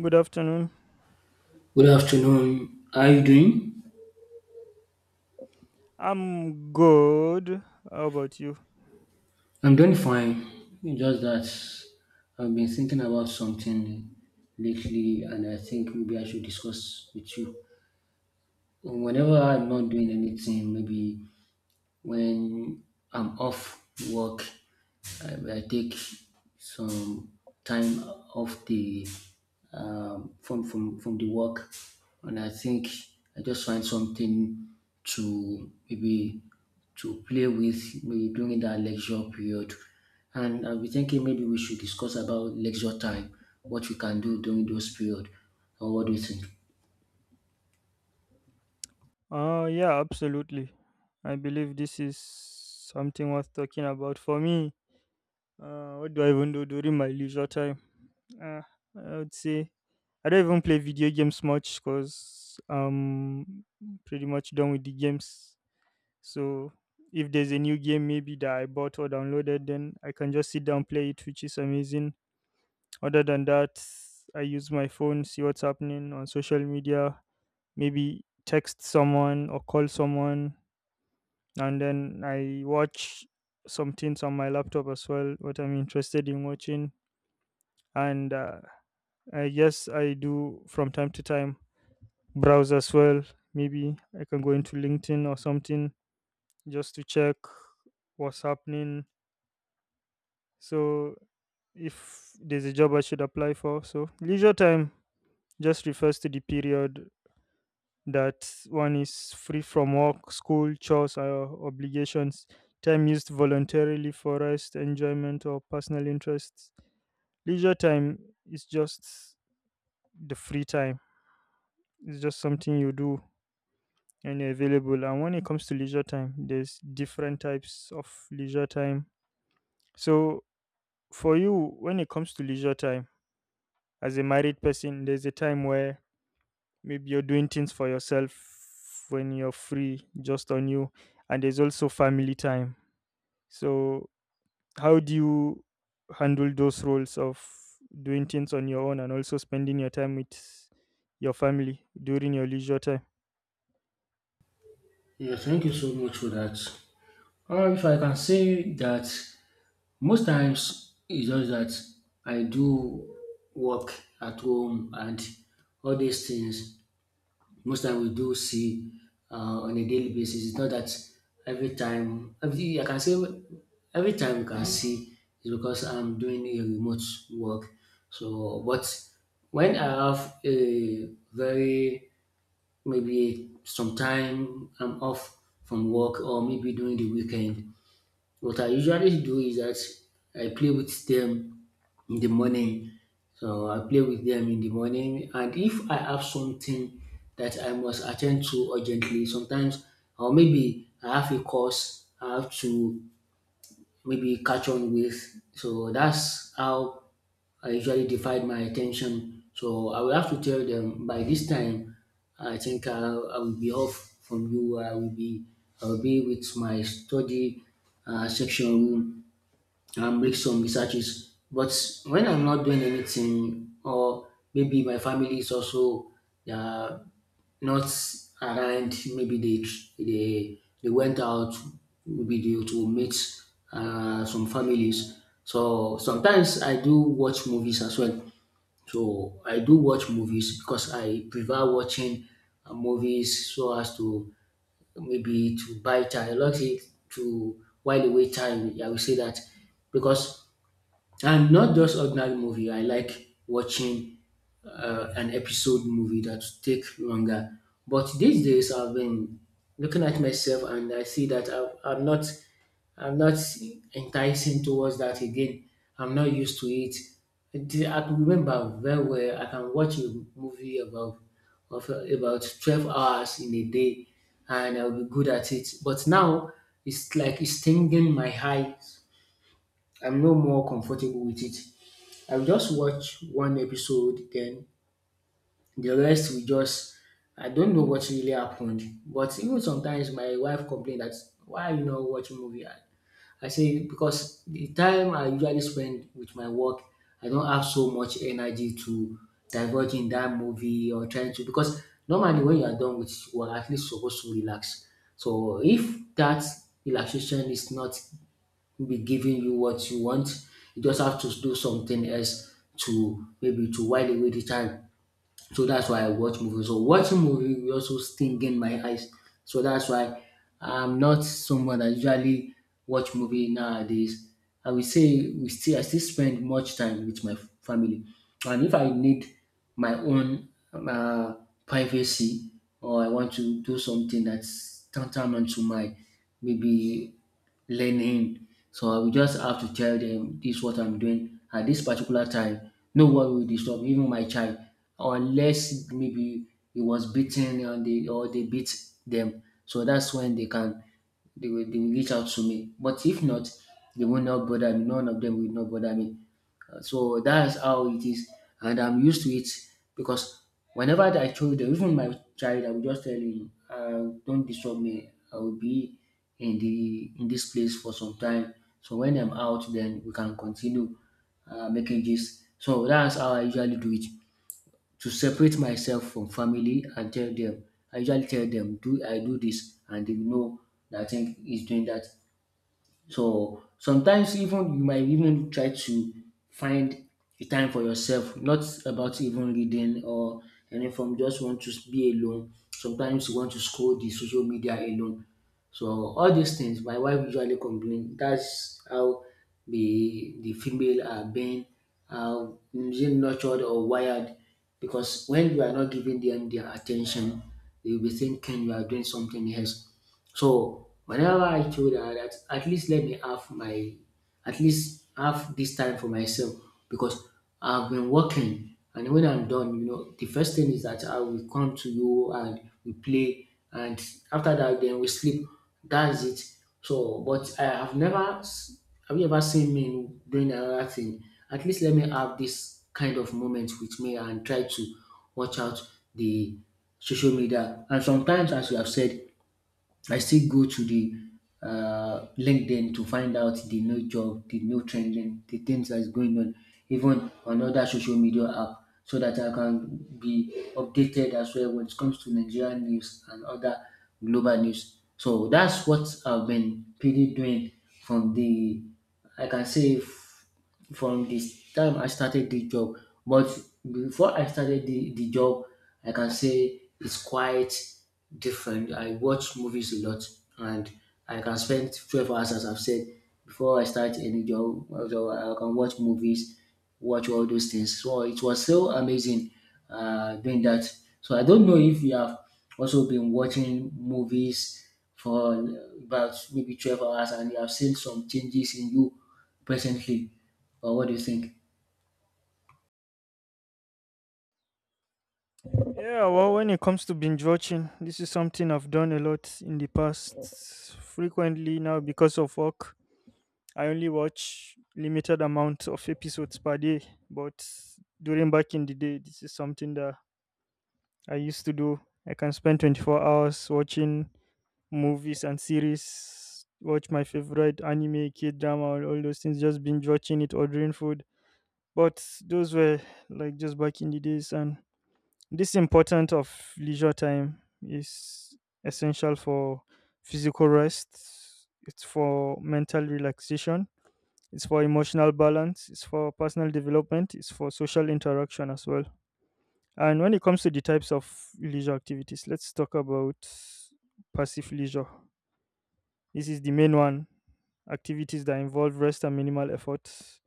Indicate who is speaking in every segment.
Speaker 1: Good afternoon.
Speaker 2: Good afternoon. How are you doing?
Speaker 1: I'm good. How about you?
Speaker 2: I'm doing fine. It's just that I've been thinking about something lately, and I think maybe I should discuss with you. Whenever I'm not doing anything, maybe when I'm off work, I take some time off the from the work, and I think I just find something to maybe to play with maybe during that lecture period. And I'll be thinking maybe we should discuss about lecture time, what we can do during those period, and what do you think?
Speaker 1: Yeah, absolutely. I believe this is something worth talking about for me. What do I even do during my leisure time? Uh, I would say I don't even play video games much cuz I'm pretty much done with the games. So if there's a new game maybe that I bought or downloaded, then I can just sit down play it, which is amazing. Other than that, I use my phone, see what's happening on social media, maybe text someone or call someone, and then I watch some things on my laptop as well, what I'm interested in watching. And I guess I do from time to time browse as well. Maybe I can go into LinkedIn or something just to check what's happening. So if there's a job I should apply for, so leisure time just refers to the period that one is free from work, school, chores, or obligations. Time used voluntarily for rest, enjoyment, or personal interests. Leisure time is just the free time. It's just something you do and you're available. And when it comes to leisure time, there's different types of leisure time. So for you, when it comes to leisure time, as a married person, there's a time where maybe you're doing things for yourself when you're free just on you, and there's also family time, so how do you handle those roles of doing things on your own and also spending your time with your family during your leisure time?
Speaker 2: Yeah, thank you so much for that. If I can say that, most times it's just that I do work at home and all these things. Most time we do see on a daily basis. It's not that every time, every I can say every time we can see is because I'm doing a remote work. So, but when I have a very maybe some time I'm off from work or maybe during the weekend, what I usually do is that I play with them in the morning. So I play with them in the morning. And if I have something that I must attend to urgently, sometimes, or maybe I have a course I have to maybe catch on with. So that's how I usually divide my attention. So I will have to tell them by this time I think I will be off from you. I will be with my study section room and make some researches. But when I'm not doing anything, or maybe my family is also they are not around, maybe they went out, maybe they to meet some families. So sometimes I do watch movies as well. So I do watch movies because I prefer watching movies so as to maybe to buy time, not it to while away time. I will say that, because, and not just ordinary movie. I like watching an episode movie that take longer. But these days, I've been looking at myself and I see that I'm not enticing towards that again. I'm not used to it. It- I can remember very well. I can watch a movie about of about 12 hours in a day, and I'll be good at it. But now it's like it's stinging my eyes. I'm no more comfortable with it. I will just watch one episode, then the rest we just I don't know what really happened. But even sometimes my wife complained that, why are you not watching movie? I say because the time I usually spend with my work, I don't have so much energy to divulge in that movie or trying to, because normally when you are done with work, at least you're supposed to relax. So if that relaxation is not will be giving you what you want, you just have to do something else to maybe to while away the time. So that's why I watch movies. So watching movie will also sting in my eyes. So that's why I'm not someone that usually watch movie nowadays. I will say we still I still spend much time with my family. And if I need my own privacy, or I want to do something that's tantamount to my maybe learning. So I will just have to tell them this is what I'm doing at this particular time. No one will disturb, even my child, unless maybe he was beaten or they beat them. So that's when they can they will reach out to me. But if not, they will not bother me. None of them will not bother me. So that's how it is, and I'm used to it because whenever I told them, even my child, I will just tell him, "Don't disturb me. I will be in the in this place for some time. So when I'm out, then we can continue making this." So that's how I usually do it, to separate myself from family and tell them I usually tell them do I do this and they know that I think he's doing that. So sometimes even you might even try to find a time for yourself, not about even reading or anything. From just want to be alone. Sometimes you want to scroll the social media alone. So all these things, my wife usually complain. That's how the female are being uh, nurtured or wired, because when you are not giving them their attention, they will be thinking you are doing something else. So whenever I told her that at least let me have my at least have this time for myself, because I've been working, and when I'm done, you know, the first thing is that I will come to you and we play, and after that then we sleep. That's it. So but I have never s- have you ever seen me doing another thing? At least let me have this kind of moment with me and try to watch out the social media. And sometimes, as you have said, I still go to the LinkedIn to find out the new job, the new trending, the things that's going on, even on other social media app, so that I can be updated as well when it comes to Nigerian news and other global news. So that's what I've been pretty doing from the, I can say, from the time I started the job. But before I started the job, I can say it's quite different. I watch movies a lot and I can spend 12 hours, as I've said, before I start any job. So I can watch movies, watch all those things. So it was so amazing doing that. So I don't know if you have also been watching movies for about maybe 12 hours and you have seen some changes in you presently. Or what do you think?
Speaker 1: Yeah, well, when it comes to binge watching, this is something I've done a lot in the past frequently. Now because of work I only watch limited amount of episodes per day, but during back in the day, this is something that I used to do. I can spend 24 hours watching movies and series, watch my favorite anime, kid drama, and all those things, just binge watching it, ordering food. But those were like just back in the days, and this important of leisure time is essential for physical rest. It's for mental relaxation, it's for emotional balance, it's for personal development, it's for social interaction as well. And when it comes to the types of leisure activities, let's talk about passive leisure. This is the main one, activities that involve rest and minimal effort,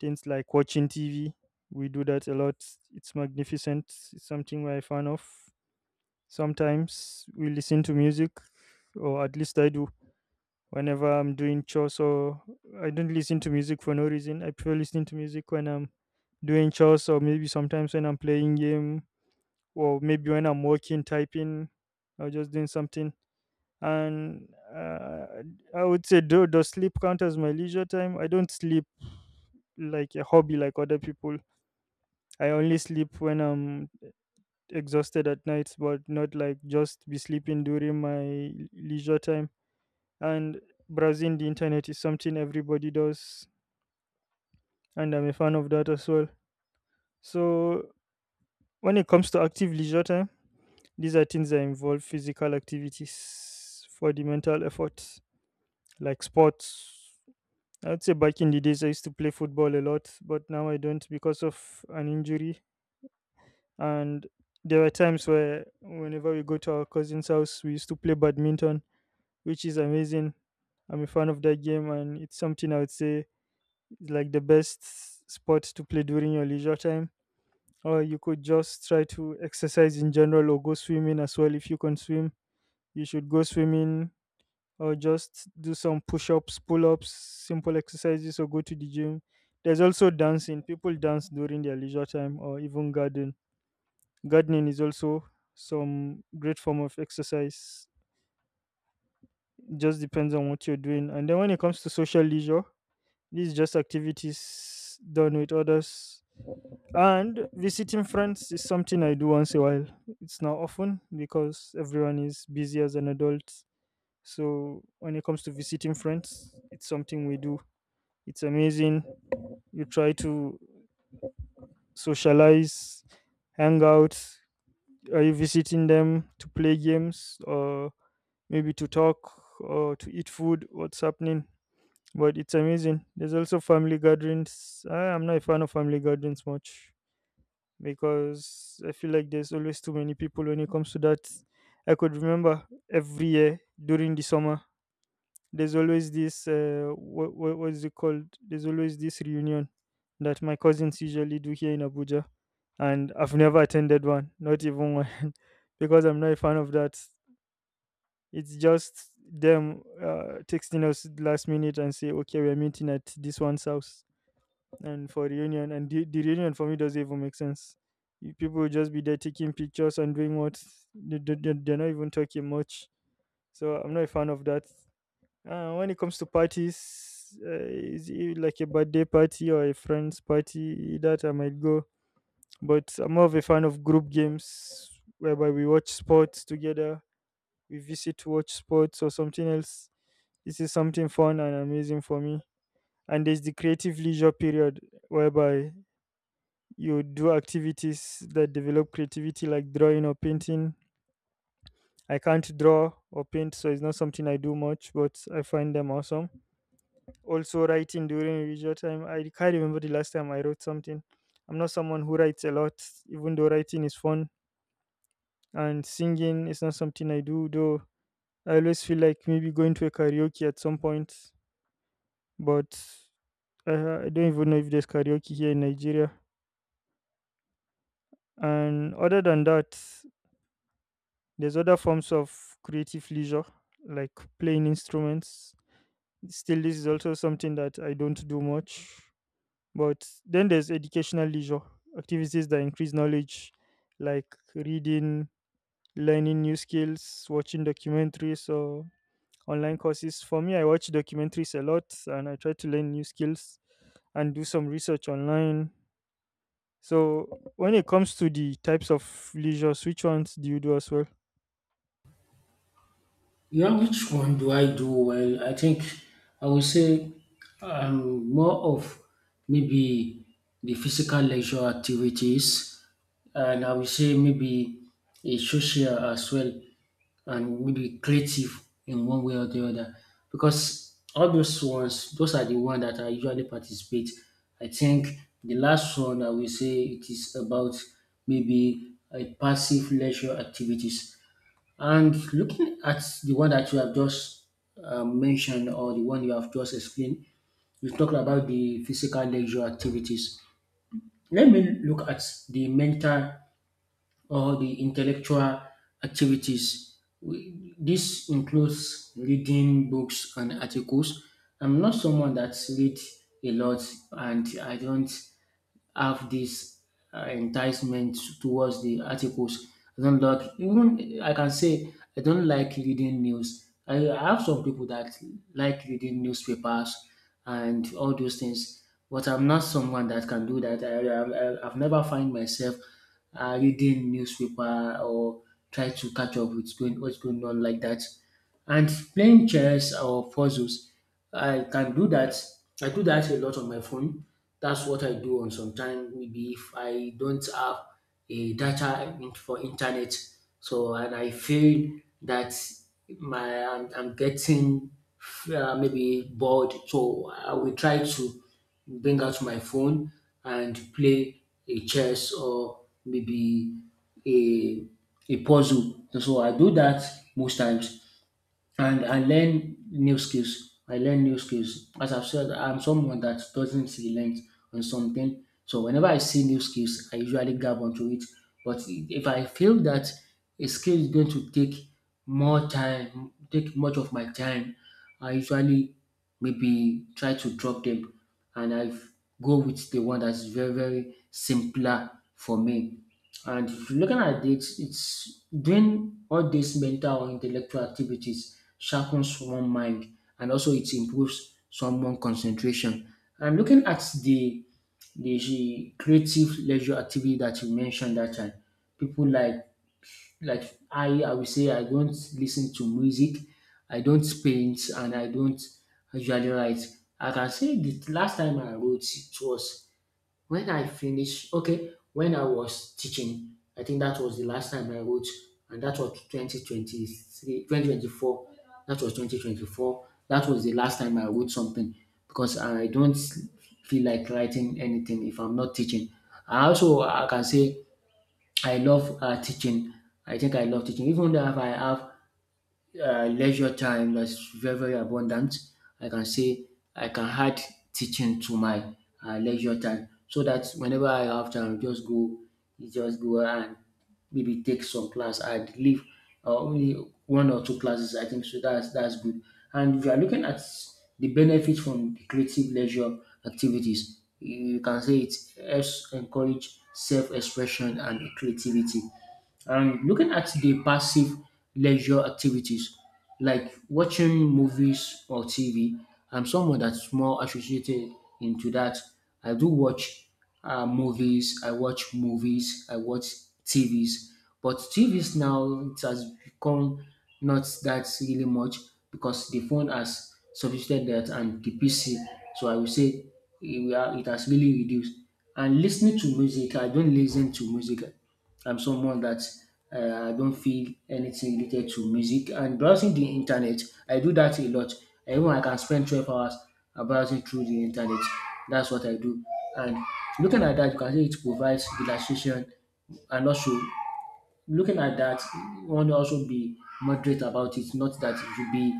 Speaker 1: things like watching TV. We do that a lot. It's magnificent. It's something we're a fan of. Sometimes we listen to music, or at least I do, whenever I'm doing chores. Or I don't listen to music for no reason. I prefer listening to music when I'm doing chores or maybe sometimes when I'm playing game or maybe when I'm working, typing, or just doing something. And I would say, do does sleep count as my leisure time? I don't sleep like a hobby like other people. I only sleep when I'm exhausted at night, but not like just be sleeping during my leisure time. And browsing the internet is something everybody does, and I'm a fan of that as well. So when it comes to active leisure time, these are things that involve physical activities for the mental effort, like sports. I'd say back in the days I used to play football a lot, but now I don't because of an injury. And there were times where whenever we go to our cousin's house, we used to play badminton, which is amazing. I'm a fan of that game, and it's something I would say is like the best sport to play during your leisure time. Or you could just try to exercise in general or go swimming as well if you can swim. You should go swimming or just do some push ups, pull ups, simple exercises, or go to the gym. There's also dancing. People dance during their leisure time or even garden. Gardening is also some great form of exercise. Just depends on what you're doing. And then when it comes to social leisure, these are just activities done with others. And visiting friends is something I do once a while. It's not often because everyone is busy as an adult. So when it comes to visiting friends, it's something we do. It's amazing. You try to socialize, hang out. Are you visiting them to play games or maybe to talk or to eat food? What's happening? But it's amazing. There's also family gatherings. I'm not a fan of family gatherings much because I feel like there's always too many people when it comes to that. I could remember every year during the summer, there's always this what is it called? There's always this reunion that my cousins usually do here in Abuja, and I've never attended one, not even one, because I'm not a fan of that. It's just them texting us last minute and say, "Okay, we're meeting at this one's house." And for reunion, and the reunion for me doesn't even make sense. You- people will just be there taking pictures and doing what they're not even talking much. So I'm not a fan of that. When it comes to parties, is it like a birthday party or a friend's party that I might go, but I'm more of a fan of group games, whereby we watch sports together. We visit to watch sports or something else. This is something fun and amazing for me. And there's the creative leisure period whereby you do activities that develop creativity like drawing or painting. I can't draw or paint, so it's not something I do much, but I find them awesome. Also, writing during leisure time. I can't remember the last time I wrote something. I'm not someone who writes a lot, even though writing is fun. And singing is not something I do, though I always feel like maybe going to a karaoke at some point, but I don't even know if there's karaoke here in Nigeria. And other than that, there's other forms of creative leisure, like playing instruments. Still, this is also something that I don't do much. But then there's educational leisure, activities that increase knowledge, like reading, learning new skills, watching documentaries or online courses. For me, I watch documentaries a lot and I try to learn new skills and do some research online. So, when it comes to the types of leisures, which ones do you do as well?
Speaker 2: Yeah, which one do I do well? I think I would say more of maybe the physical leisure activities, and I would say maybe a social as well, and maybe creative in one way or the other. Because all those ones, those are the ones that I usually participate. I think the last one I will say it is about maybe a passive leisure activities. And looking at the one that you have just mentioned, or the one you have just explained, you talked about the physical leisure activities. Let me look at the mental or the intellectual activities. This includes reading books and articles. I'm not someone that reads a lot, and I don't have this enticement towards the articles. I don't like even I can say I don't like reading news. I have some people that like reading newspapers and all those things, but I'm not someone that can do that. I've never find myself reading newspaper or try to catch up with going, what's going on like that. And playing chess or puzzles, I can do that. I do that a lot on my phone. That's what I do on some time. Maybe if I don't have a data in- for internet, so and I feel that I'm getting maybe bored, so I will try to bring out my phone and play a chess or maybe a a puzzle. So I do that most times, and I learn new skills. I learn new skills. As I've said, I'm someone that doesn't relent on something. So whenever I see new skills, I usually grab onto it. But if I feel that a skill is going to take more time, take much of my time, I usually maybe try to drop them and I go with the one that's very, very simpler for me. And if you're looking at it, it's doing all these mental or intellectual activities sharpens one mind and also it improves someone concentration. And looking at the creative leisure activity that you mentioned that time, people like like I would say I don't listen to music, I don't paint, and I don't usually write. I can say the last time I wrote it was when I finished, okay, when I was teaching, I think that was the last time I wrote, and that was 2023, 2024. That was 2024. That was the last time I wrote something, because I don't feel like writing anything if I'm not teaching. I also I can say I love teaching. I think I love teaching, even though if I have leisure time that's very very abundant. I can say I can add teaching to my leisure time, so that whenever I have time, just go and maybe take some class. I'd leave only one or two classes, I think. So that's good. And if you are looking at the benefit from the creative leisure activities, you can say it helps encourage self-expression and creativity. And looking at the passive leisure activities like watching movies or TV, I'm someone that's more associated into that. I do watch movies, I watch TVs, but TVs now, it has become not that really much because the phone has substituted that, and the PC. So I would say it has really reduced. And listening to music, I don't listen to music. I'm someone that I don't feel anything related to music. And browsing the internet, I do that a lot. Even I can spend 12 hours browsing through the internet. That's what I do. And looking at that, you can see it provides relaxation. And also, looking at that, one also be moderate about it, not that you should be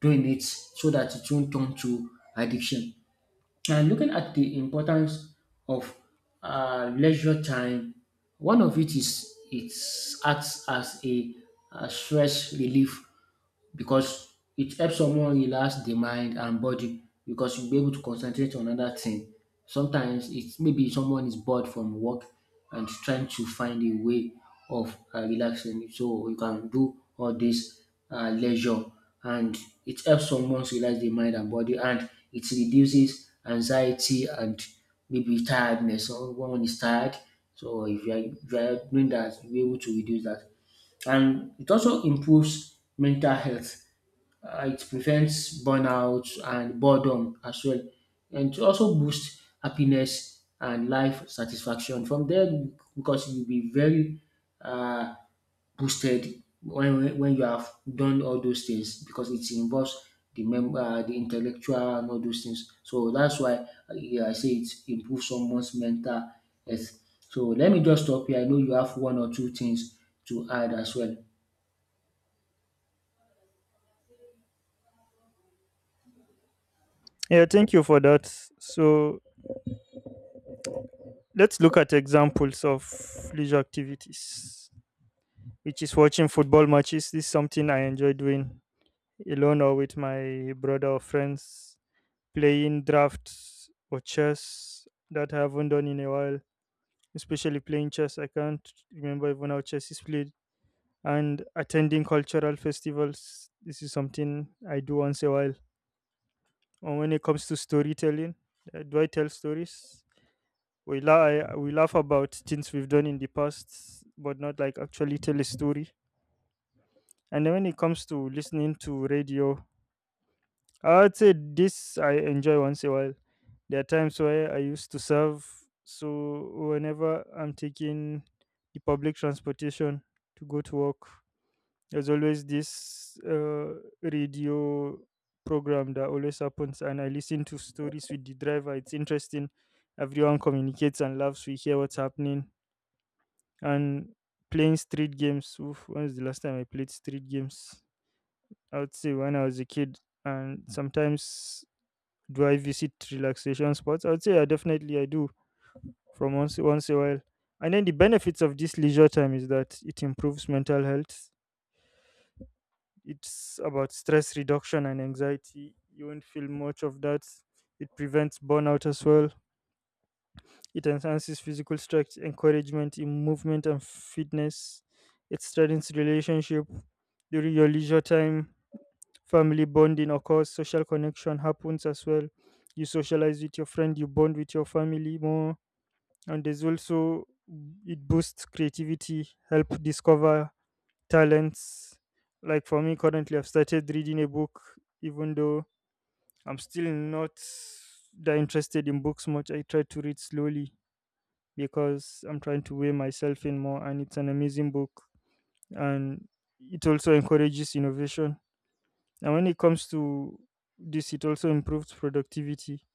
Speaker 2: doing it so that it won't turn to addiction. And looking at the importance of leisure time, one of it is it acts as a stress relief because it helps someone relax the mind and body, because you'll be able to concentrate on another thing. Sometimes it's maybe someone is bored from work and trying to find a way of relaxing, so you can do all this leisure, and it helps someone relax the mind and body, and it reduces anxiety and maybe tiredness. So when one is tired, so if you are doing that, you'll be able to reduce that. And it also improves mental health. It prevents burnout and boredom as well, and it also boosts happiness and life satisfaction. From there, because you'll be very uh, boosted when you have done all those things, because it involves the the intellectual and all those things. So that's why yeah, I say it improves someone's mental health. So let me just stop here. I know you have one or two things to add as well.
Speaker 1: Yeah, thank you for that. So, let's look at examples of leisure activities, which is watching football matches. This is something I enjoy doing alone or with my brother or friends, playing drafts or chess that I haven't done in a while, especially playing chess. I can't remember even how chess is played. And attending cultural festivals. This is something I do once a while. And when it comes to storytelling, do I tell stories? We, la- we laugh about things we've done in the past, but not like actually tell a story. And then when it comes to listening to radio, I would say this I enjoy once in a while. There are times where I used to serve, so whenever I'm taking the public transportation to go to work, there's always this radio program that always happens, and I listen to stories with the driver. It's interesting. Everyone communicates and laughs. We hear what's happening. And playing street games. Oof, when was the last time I played street games? I would say when I was a kid. And sometimes do I visit relaxation spots? I would say I definitely I do from once a while. And then the benefits of this leisure time is that it improves mental health. It's about stress reduction and anxiety. You won't feel much of that. It prevents burnout as well. It enhances physical strength, encouragement in movement and fitness. It strengthens relationship during your leisure time. Family bonding occurs. Social connection happens as well. You socialize with your friend. You bond with your family more. And there's also it boosts creativity, help discover talents. Like for me, currently I've started reading a book, even though I'm still not that interested in books much. I try to read slowly because I'm trying to weigh myself in more. And it's an amazing book. And it also encourages innovation. And when it comes to this, it also improves productivity,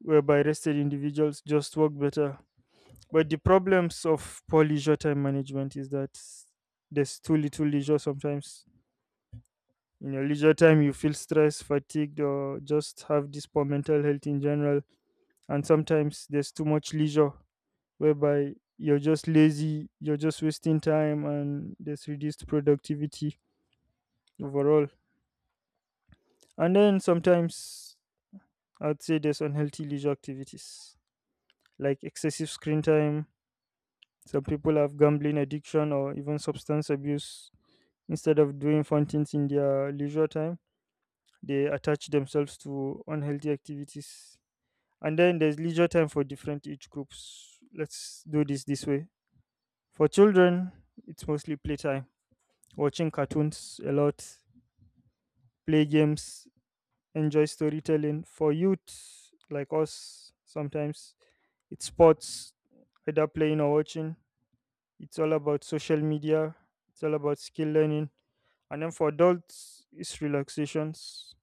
Speaker 1: whereby rested individuals just work better. But the problems of poor leisure time management is that there's too little leisure sometimes. In your leisure time, you feel stressed, fatigued, or just have this poor mental health in general. And sometimes there's too much leisure whereby you're just lazy, you're just wasting time, and there's reduced productivity overall. And then sometimes I'd say there's unhealthy leisure activities like excessive screen time. Some people have gambling addiction or even substance abuse. Instead of doing fun things in their leisure time, they attach themselves to unhealthy activities. And then there's leisure time for different age groups. Let's do this this way. For children, it's mostly playtime, watching cartoons a lot, play games, enjoy storytelling. For youth like us, sometimes it's sports, either playing or watching. It's all about social media, it's all about skill learning. And then for adults, it's relaxations,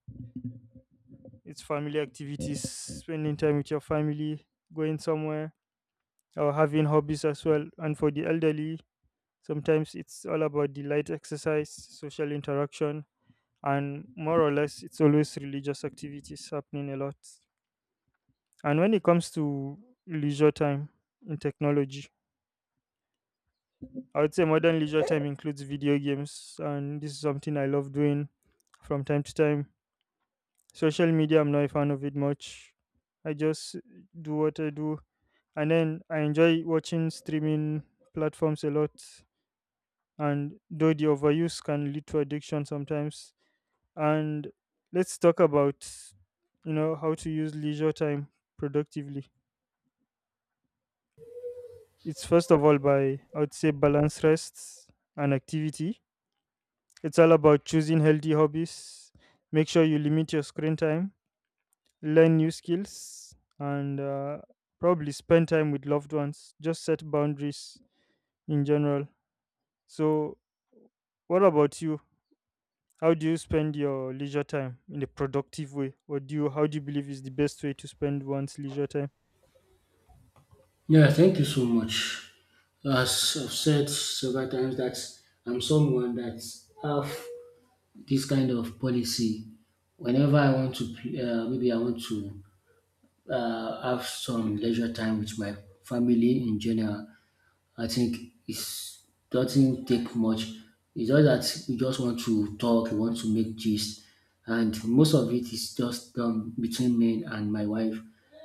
Speaker 1: it's family activities, spending time with your family, going somewhere, or having hobbies as well. And for the elderly, sometimes it's all about the light exercise, social interaction, and more or less it's always religious activities happening a lot. And when it comes to leisure time in technology, I would say modern leisure time includes video games, and this is something I love doing from time to time. Social media, I'm not a fan of it much. I just do what I do. And then I enjoy watching streaming platforms a lot. And though the overuse can lead to addiction sometimes. And let's talk about how to use leisure time productively. It's first of all by, I would say, balance rest and activity. It's all about choosing healthy hobbies. Make sure you limit your screen time, learn new skills, and probably spend time with loved ones. Just set boundaries in general. So what about you? How do you spend your leisure time in a productive way, or do you how do you believe is the best way to spend one's leisure time?
Speaker 2: Yeah, thank you so much. As I've said several times that I'm someone that have this kind of policy. Whenever I want to, maybe I want to have some leisure time with my family in general. I think it doesn't take much. It's just that we just want to talk, we want to make gist, and most of it is just done between me and my wife.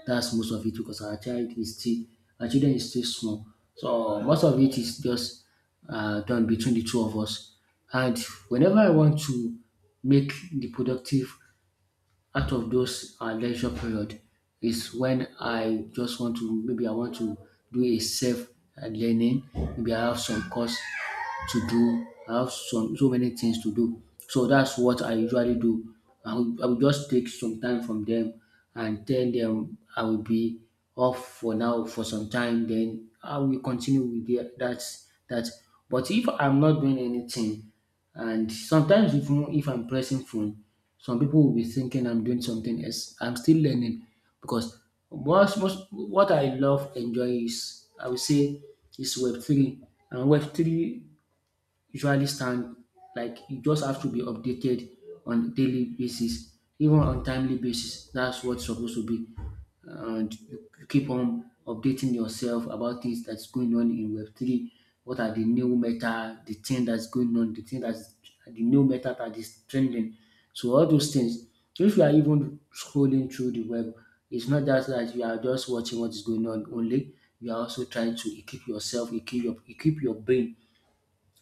Speaker 2: That's most of it because our child is still, our children is still small. So most of it is just done between the two of us. And whenever I want to make the productive out of those lecture period is when I just want to, maybe I want to do a self learning. Maybe I have some course to do. I have some so many things to do. So that's what I usually do. I will just take some time from them and tell them I will be off for now for some time. Then I will continue with the, that. That. But if I'm not doing anything, and sometimes if I'm pressing phone, some people will be thinking I'm doing something else. I'm still learning, because most what I love enjoy, is, I would say, is Web three. And Web three usually stand like, you just have to be updated on daily basis, even on timely basis. That's what's supposed to be. And you keep on updating yourself about things that's going on in web3. What are the new meta, the thing that's going on, the thing that's the new meta that is trending. So all those things, if you are even scrolling through the web, it's not just that you are just watching what is going on only, you are also trying to equip yourself, equip your brain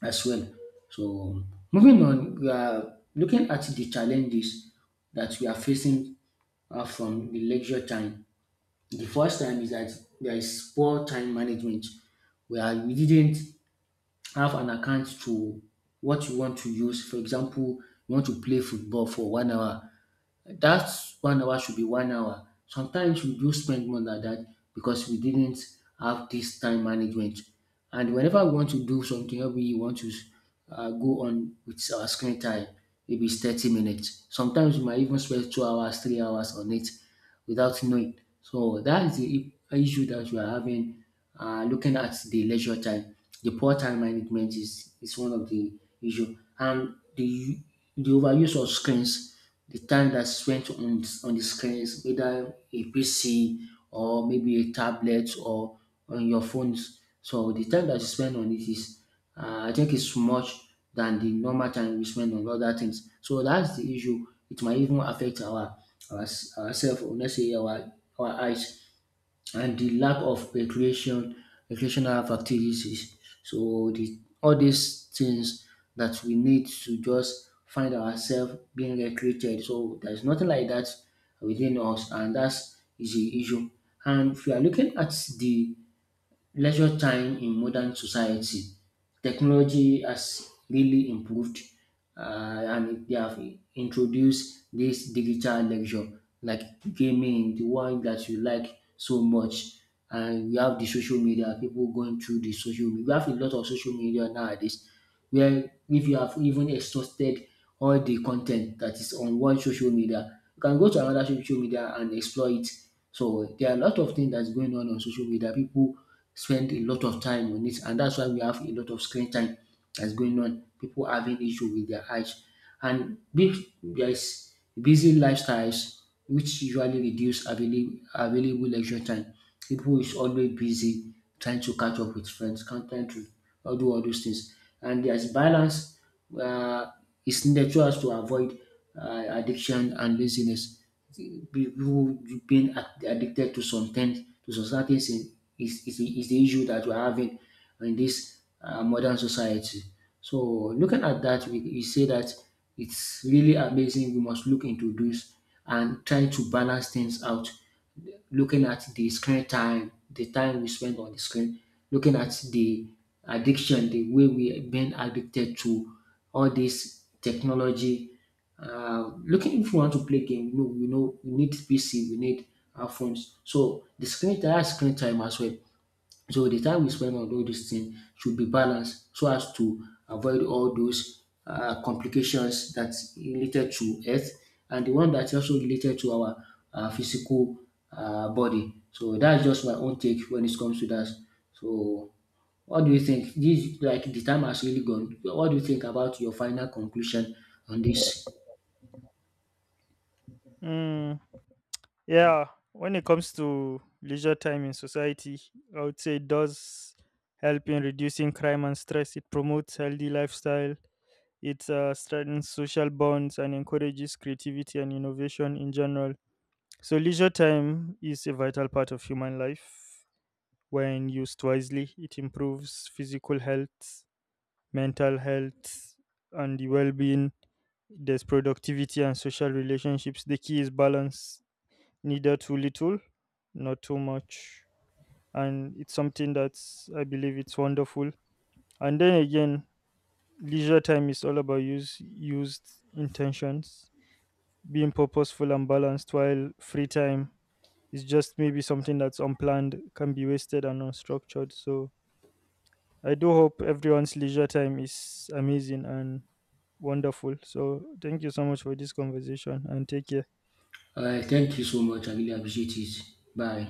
Speaker 2: as well. So moving on, we are looking at the challenges that we are facing from the lecture time. The first time is that there is poor time management, where we didn't have an account to what you want to use. For example, you want to play football for 1 hour, that 1 hour should be 1 hour. Sometimes we do spend more than that because we didn't have this time management. And whenever we want to do something, or we want to go on with our screen time, maybe it's 30 minutes. Sometimes we might even spend 2 hours, 3 hours on it without knowing. So that is the issue that we are having looking at the leisure time. The poor time management is one of the issue. And the overuse of screens, the time that spent on the screens, whether a PC or maybe a tablet or on your phones. So the time that you spend on it is, I think, it's much than the normal time we spend on other things. So that's the issue. It might even affect our ourselves, or let's say our eyes, and the lack of recreational activities. So the all these things that we need to just find ourselves being recreated. So there's nothing like that within us, and that's is the issue. And if you are looking at the leisure time in modern society, technology has really improved, and they have introduced this digital leisure, like gaming, the one that you like so much. And we have the social media, people going through the social media. We have a lot of social media nowadays, where if you have even exhausted all the content that is on one social media, you can go to another social media and explore it. So there are a lot of things that's going on social media. People spend a lot of time on it, and that's why we have a lot of screen time that's going on. People having issue with their eyes. And big, there is busy lifestyles which usually reduce available lecture time. People is always busy trying to catch up with friends, can't trying to all do all those things. And there's balance uh, is needed so as to avoid addiction and laziness. People being addicted to some things, to some certain things is the issue that we're having in this modern society. So looking at that, we say that it's really amazing. We must look into this and try to balance things out. Looking at the screen time, the time we spend on the screen, looking at the addiction, the way we have been addicted to all this technology, looking if you want to play game, no, you know, we need PC, we need our phones. So the screen time as well. So the time we spend on all these things should be balanced so as to avoid all those complications that's related to health, and the one that's also related to our physical body. So that's just my own take when it comes to that. So what do you think? This, like, the time has really gone. What do you think about your final conclusion on this?
Speaker 1: Mm, yeah, when it comes to leisure time in society, I would say it does help in reducing crime and stress. It promotes healthy lifestyle. It strengthens social bonds and encourages creativity and innovation in general. So leisure time is a vital part of human life. When used wisely, it improves physical health, mental health, and the well-being. There's productivity and social relationships. The key is balance, neither too little, not too much. And it's something that's, I believe, it's wonderful. And then again, leisure time is all about use, used intentions, being purposeful and balanced, while free time is just maybe something that's unplanned, can be wasted and unstructured. So I do hope everyone's leisure time is amazing and wonderful. So thank you so much for this conversation and take care.
Speaker 2: All right. Thank you so much. I really appreciate it. Bye.